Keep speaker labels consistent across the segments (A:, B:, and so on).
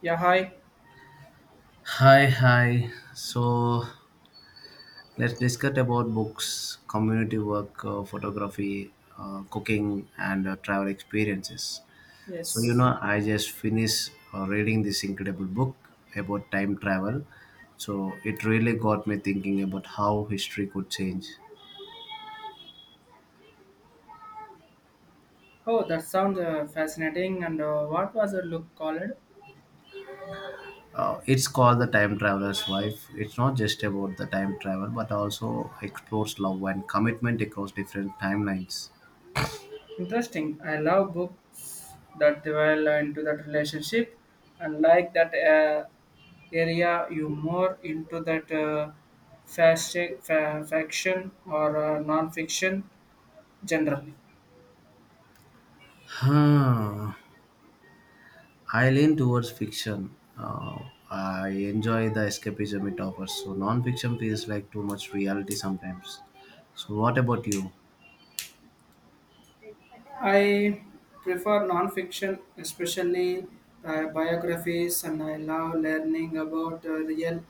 A: Yeah, hi.
B: Hi, hi. So let's discuss about books, community work, photography, cooking, and travel experiences.
A: Yes.
B: I just finished reading this incredible book about time travel. So it really got me thinking about how history could change.
A: Oh, that sounds fascinating. And what was the look called?
B: It's called The Time Traveler's Wife. It's not just about the time travel, but also explores love and commitment across different timelines.
A: Interesting. I love books that dwell into that relationship and like that area you more into that fashion, faction or non-fiction generally.
B: Huh. I lean towards fiction. I enjoy the escapism it offers. So non-fiction feels like too much reality sometimes. So what about you?
A: I prefer non-fiction, especially biographies, and I love learning about real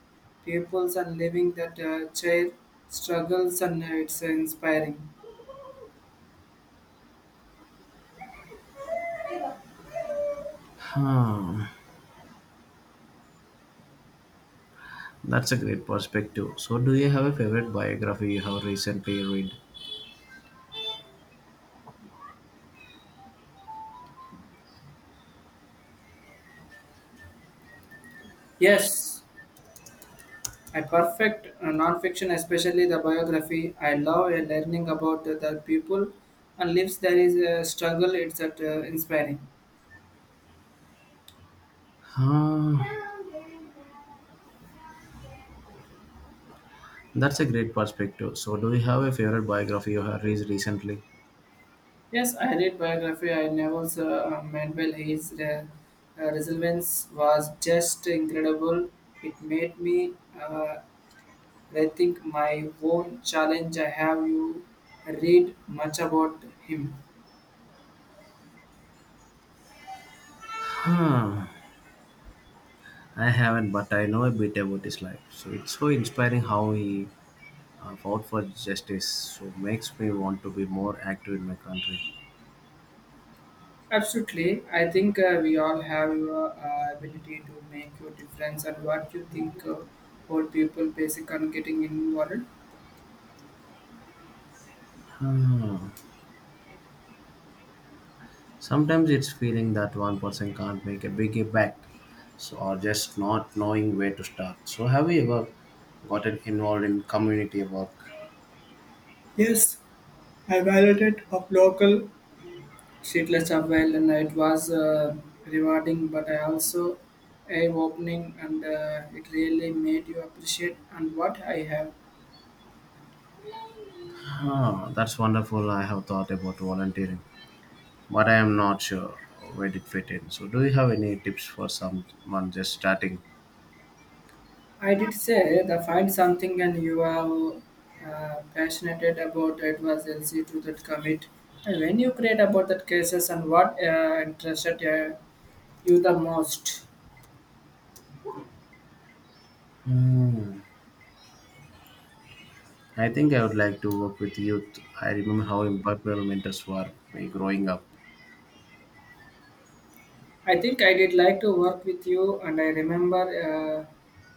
A: peoples and living that chair struggles, and it's inspiring.
B: Hmm, that's a great perspective. So do you have a favorite biography you have recently read?
A: Yes, I perfect non-fiction, especially the biography. I love learning about the people and lives there is a struggle. It's that inspiring.
B: Hmm, that's a great perspective. So do you have a favorite biography you have read recently?
A: Yes, I read biography. I Neville's Mandel. His resilience was just incredible. It made me uh, rethink my own challenge. I have you read much about him.
B: Hmm. I haven't, but I know a bit about his life. So it's so inspiring how he fought for justice. So makes me want to be more active in my country.
A: Absolutely, I think we all have your ability to make your difference. And what you think about people basic on getting involved?
B: Hmm. Sometimes it's feeling that one person can't make a big impact, so or just not knowing where to start. So have you ever gotten involved in community work?
A: Yes, I valued it of local She dressed well, and it was rewarding, but I also eye-opening, and it really made you appreciate and what I have.
B: Ah, that's wonderful. I have thought about volunteering, but I am not sure where it fit in. So do you have any tips for someone just starting?
A: I did say the find something, and you are passionate about it was easy to that commit. And when you create about that cases and what interested you the most,
B: Hmm. I think I would like to work with youth. I remember how impactful mentors were me growing up.
A: I think I did like to work with you, and I remember.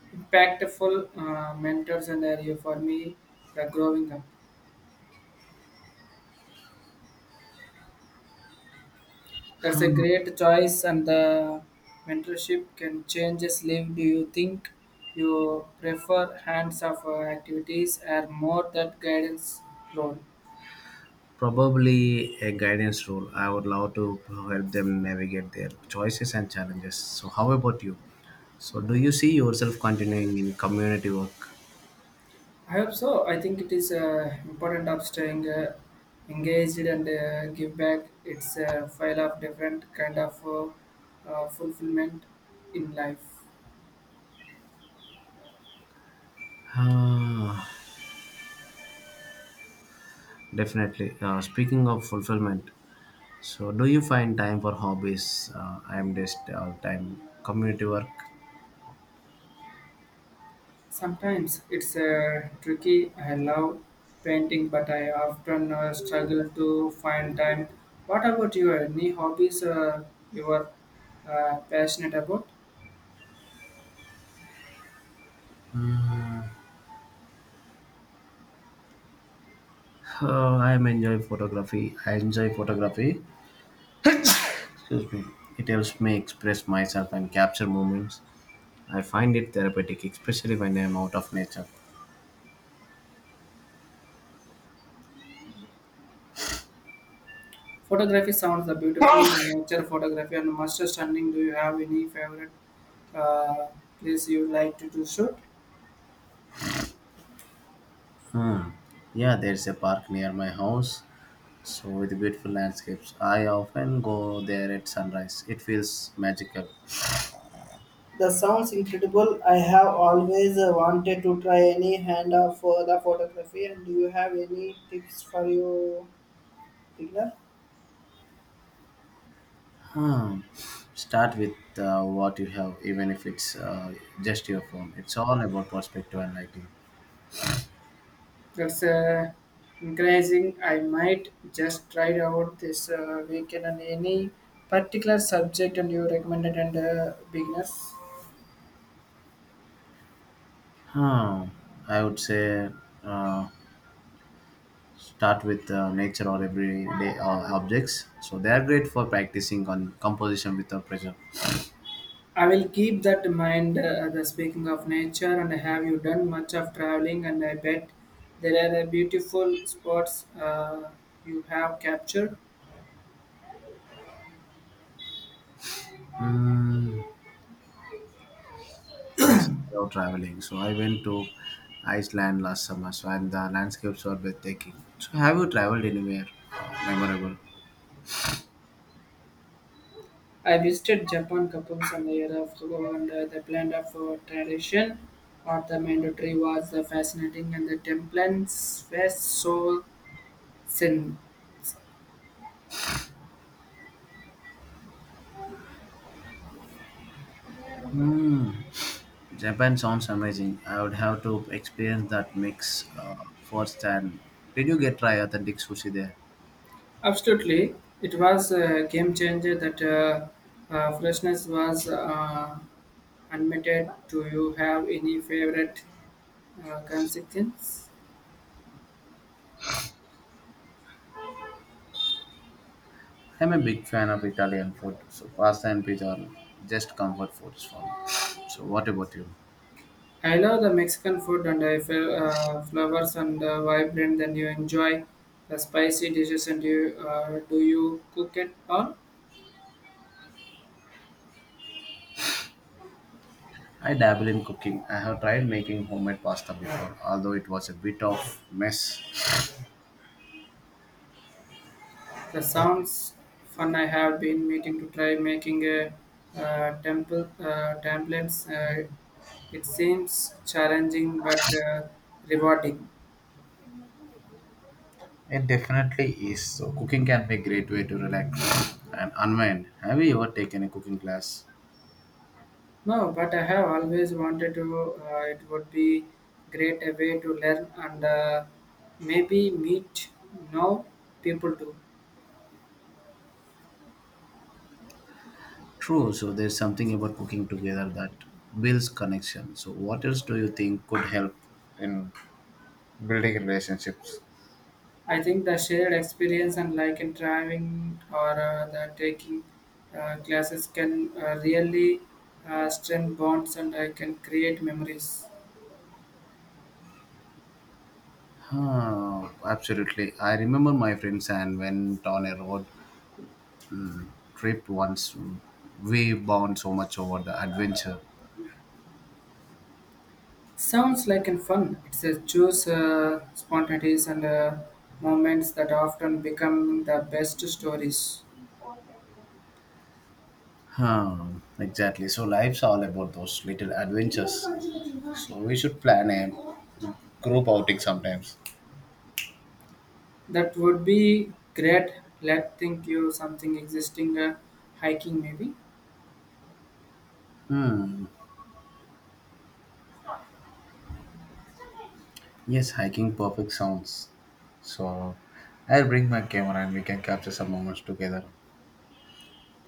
A: Impactful mentors and area for me the growing up. That's a
B: Hmm,
A: great choice, and the mentorship can changes live. Do you think you prefer hands-off activities or more that guidance role?
B: probably a guidance role. I would love to help them navigate their choices and challenges. So, how about you? So, do you see yourself continuing in community work?
A: I hope so. I think it is important of staying engaged and give back. It's a file of different kind of fulfillment in life.
B: Ah, definitely. Speaking of fulfillment, so do you find time for hobbies? I am just all time community work.
A: Sometimes it's tricky. I love painting, but I often struggle to find time. What about you? Any hobbies you are passionate about?
B: I am enjoy photography. I enjoy photography. Excuse me. It helps me express myself and capture moments. I find it therapeutic, especially when I'm out of nature.
A: Photography sounds beautiful, and nature photography and master stunning. Do you have any favorite uh, place you like to shoot?
B: Hmm. Yeah, there's a park near my house, so with beautiful landscapes. I often go there at sunrise. It feels magical.
A: The sounds incredible. I have always wanted to try any hand of the photography. And do you have any tips for your beginner?
B: Hmm. Start with what you have, even if it's just your phone. It's all about perspective and lighting.
A: That's encouraging. I might just try it out this weekend and any particular subject and you recommended and beginners.
B: Hmm. I would say uh, start with nature or everyday objects. So they are great for practicing on composition without pressure.
A: I will keep that in mind. The speaking of nature and have you done much of traveling? And I bet there are beautiful spots you have captured.
B: Mm, yes, without traveling. So I went to Iceland last summer, so and the landscapes were breathtaking. So have you traveled anywhere memorable?
A: I visited Japan couple some years ago, and the blend of tradition or the mandatory was fascinating, and the templates were so Sin.
B: Mm, Japan sounds amazing. I would have to experience that mix firsthand. Did you get try authentic sushi there?
A: Absolutely, it was a game changer that freshness was unlimited. Do you have any favorite consequence?
B: I'm a big fan of Italian food, so pasta and pizza are just comfort foods for me. So, what about you?
A: I love the Mexican food and I feel flavors and vibrant. Then you enjoy the spicy dishes and you do you cook it all?
B: I dabble in cooking. I have tried making homemade pasta before, although it was a bit of mess.
A: That sounds fun. I have been meeting to try making a temple templates. It seems challenging but rewarding.
B: It definitely is. So, cooking can be a great way to relax and unwind. Have you ever taken a cooking class?
A: No, but I have always wanted to. It would be great a way to learn and maybe meet now people too.
B: True. So, there's something about cooking together that builds connection. So, what else do you think could help in building relationships?
A: I think the shared experience and like in driving or the taking classes can really strengthen bonds and I can create memories.
B: Huh, absolutely. I remember my friends and went on a road trip once. We bond so much over the adventure.
A: Sounds like and fun. It's a choose spontaneities and moments that often become the best stories.
B: Huh, exactly. So life's all about those little adventures. So we should plan a group outing sometimes.
A: That would be great. Let think you something existing hiking maybe.
B: Hmm. Yes, hiking perfect sounds. So I'll bring my camera and we can capture some moments together.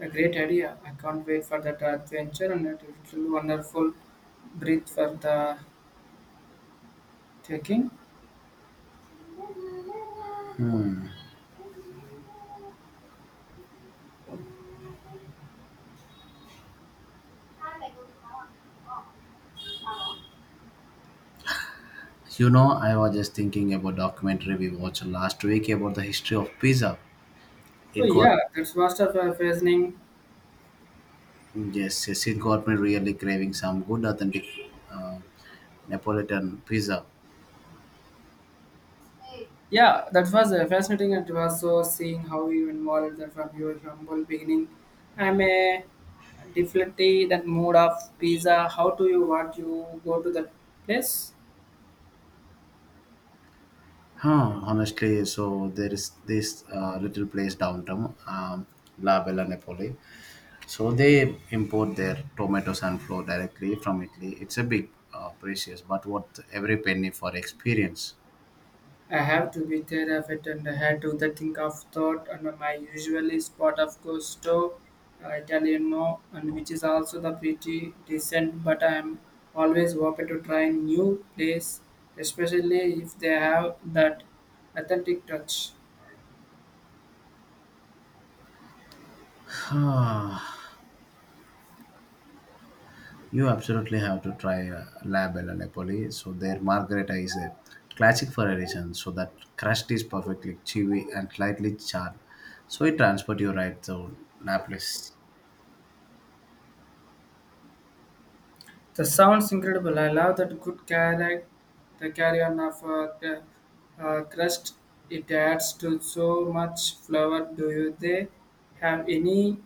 A: A great idea. I can't wait for that adventure and it will be wonderful breathe for the Trekking?
B: Hmm. You know, I was just thinking about documentary we watched last week about the history of pizza.
A: Oh
B: It got
A: yeah, that was a fascinating.
B: yes, yes, it got me really craving some good, authentic uh, Neapolitan pizza.
A: Yeah, that was fascinating, and it was so seeing how you involved that from your humble beginning. I'm a definitely that mood of pizza. How do you what you go to that place?
B: Huh, honestly, so there is this little place downtown, La Bella Napoli. So they import their tomatoes and flour directly from Italy. It's a big precious, but worth every penny for experience.
A: I have to be terrified and I had to the think of thought and my usually spot of gusto Italiano and which is also the pretty decent but I am always open to try new place especially if they have that authentic touch.
B: You absolutely have to try La Bella Napoli. So their margherita is a classic for a reason. So that crust is perfectly chewy and slightly charred. So it transport you right to Naples.
A: That sounds incredible. I love that good carry. The carry on of the crust. It adds to so much flavor. Do you they have any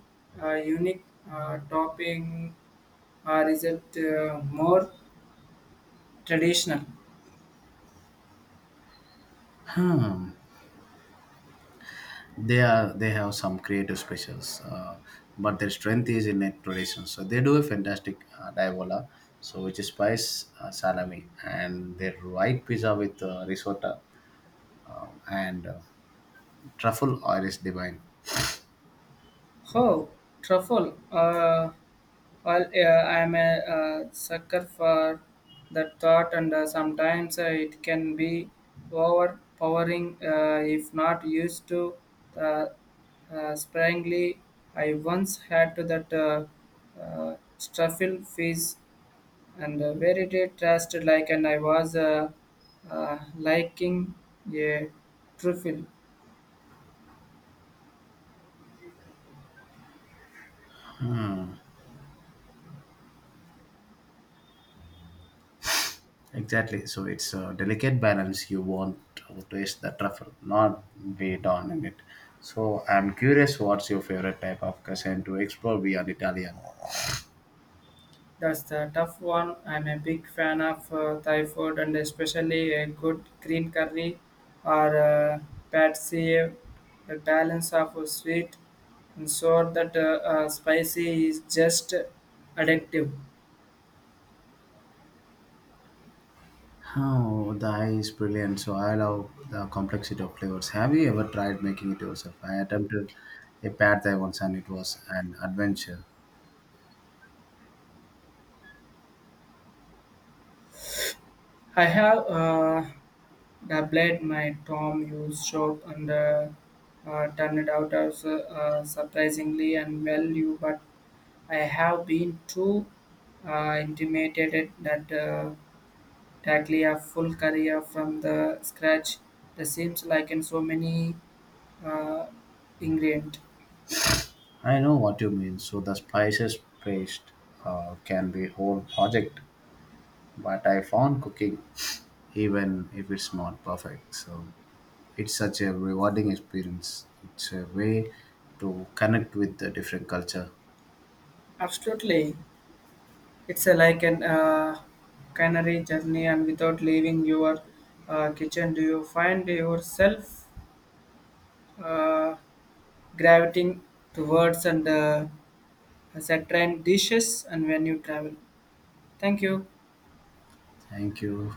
A: unique topping or is it more traditional?
B: Hmm. They are they have some creative specials, but their strength is in their tradition. So they do a fantastic diavola, so which is spice salami, and their white pizza with risotto and truffle oil is divine.
A: Oh, truffle. Well, yeah, I'm a sucker for that thought, and sometimes it can be overpowering if not used to uh, sparingly. I once had to that uh, truffle fish and where it is trashed like, and I was liking a truffle.
B: Exactly. So it's a delicate balance. You want to taste the truffle, not be down in it. So I'm curious, what's your favorite type of cuisine to explore beyond Italian?
A: That's the tough one. I'm a big fan of Thai food and especially a good green curry or pad see. The balance of sweet and sour that spicy is just addictive.
B: Oh, the eye is brilliant. So I love the complexity of flavors. Have you ever tried making it yourself? I attempted a pad thai once, and it was an adventure.
A: I have doubled my Tom Hughes shop and turned it out as surprisingly and well you but I have been too intimidated that. Taglia full career from the scratch, the seems like in so many uh, ingredient.
B: I know what you mean. So the spices paste can be whole project, but I found cooking, even if it's not perfect. So. It's such a rewarding experience. It's a way to connect with the different culture.
A: Absolutely, it's a, like an culinary journey, and without leaving your kitchen, do you find yourself uh, gravitating towards and certain dishes and when you travel? Thank you.
B: Thank you.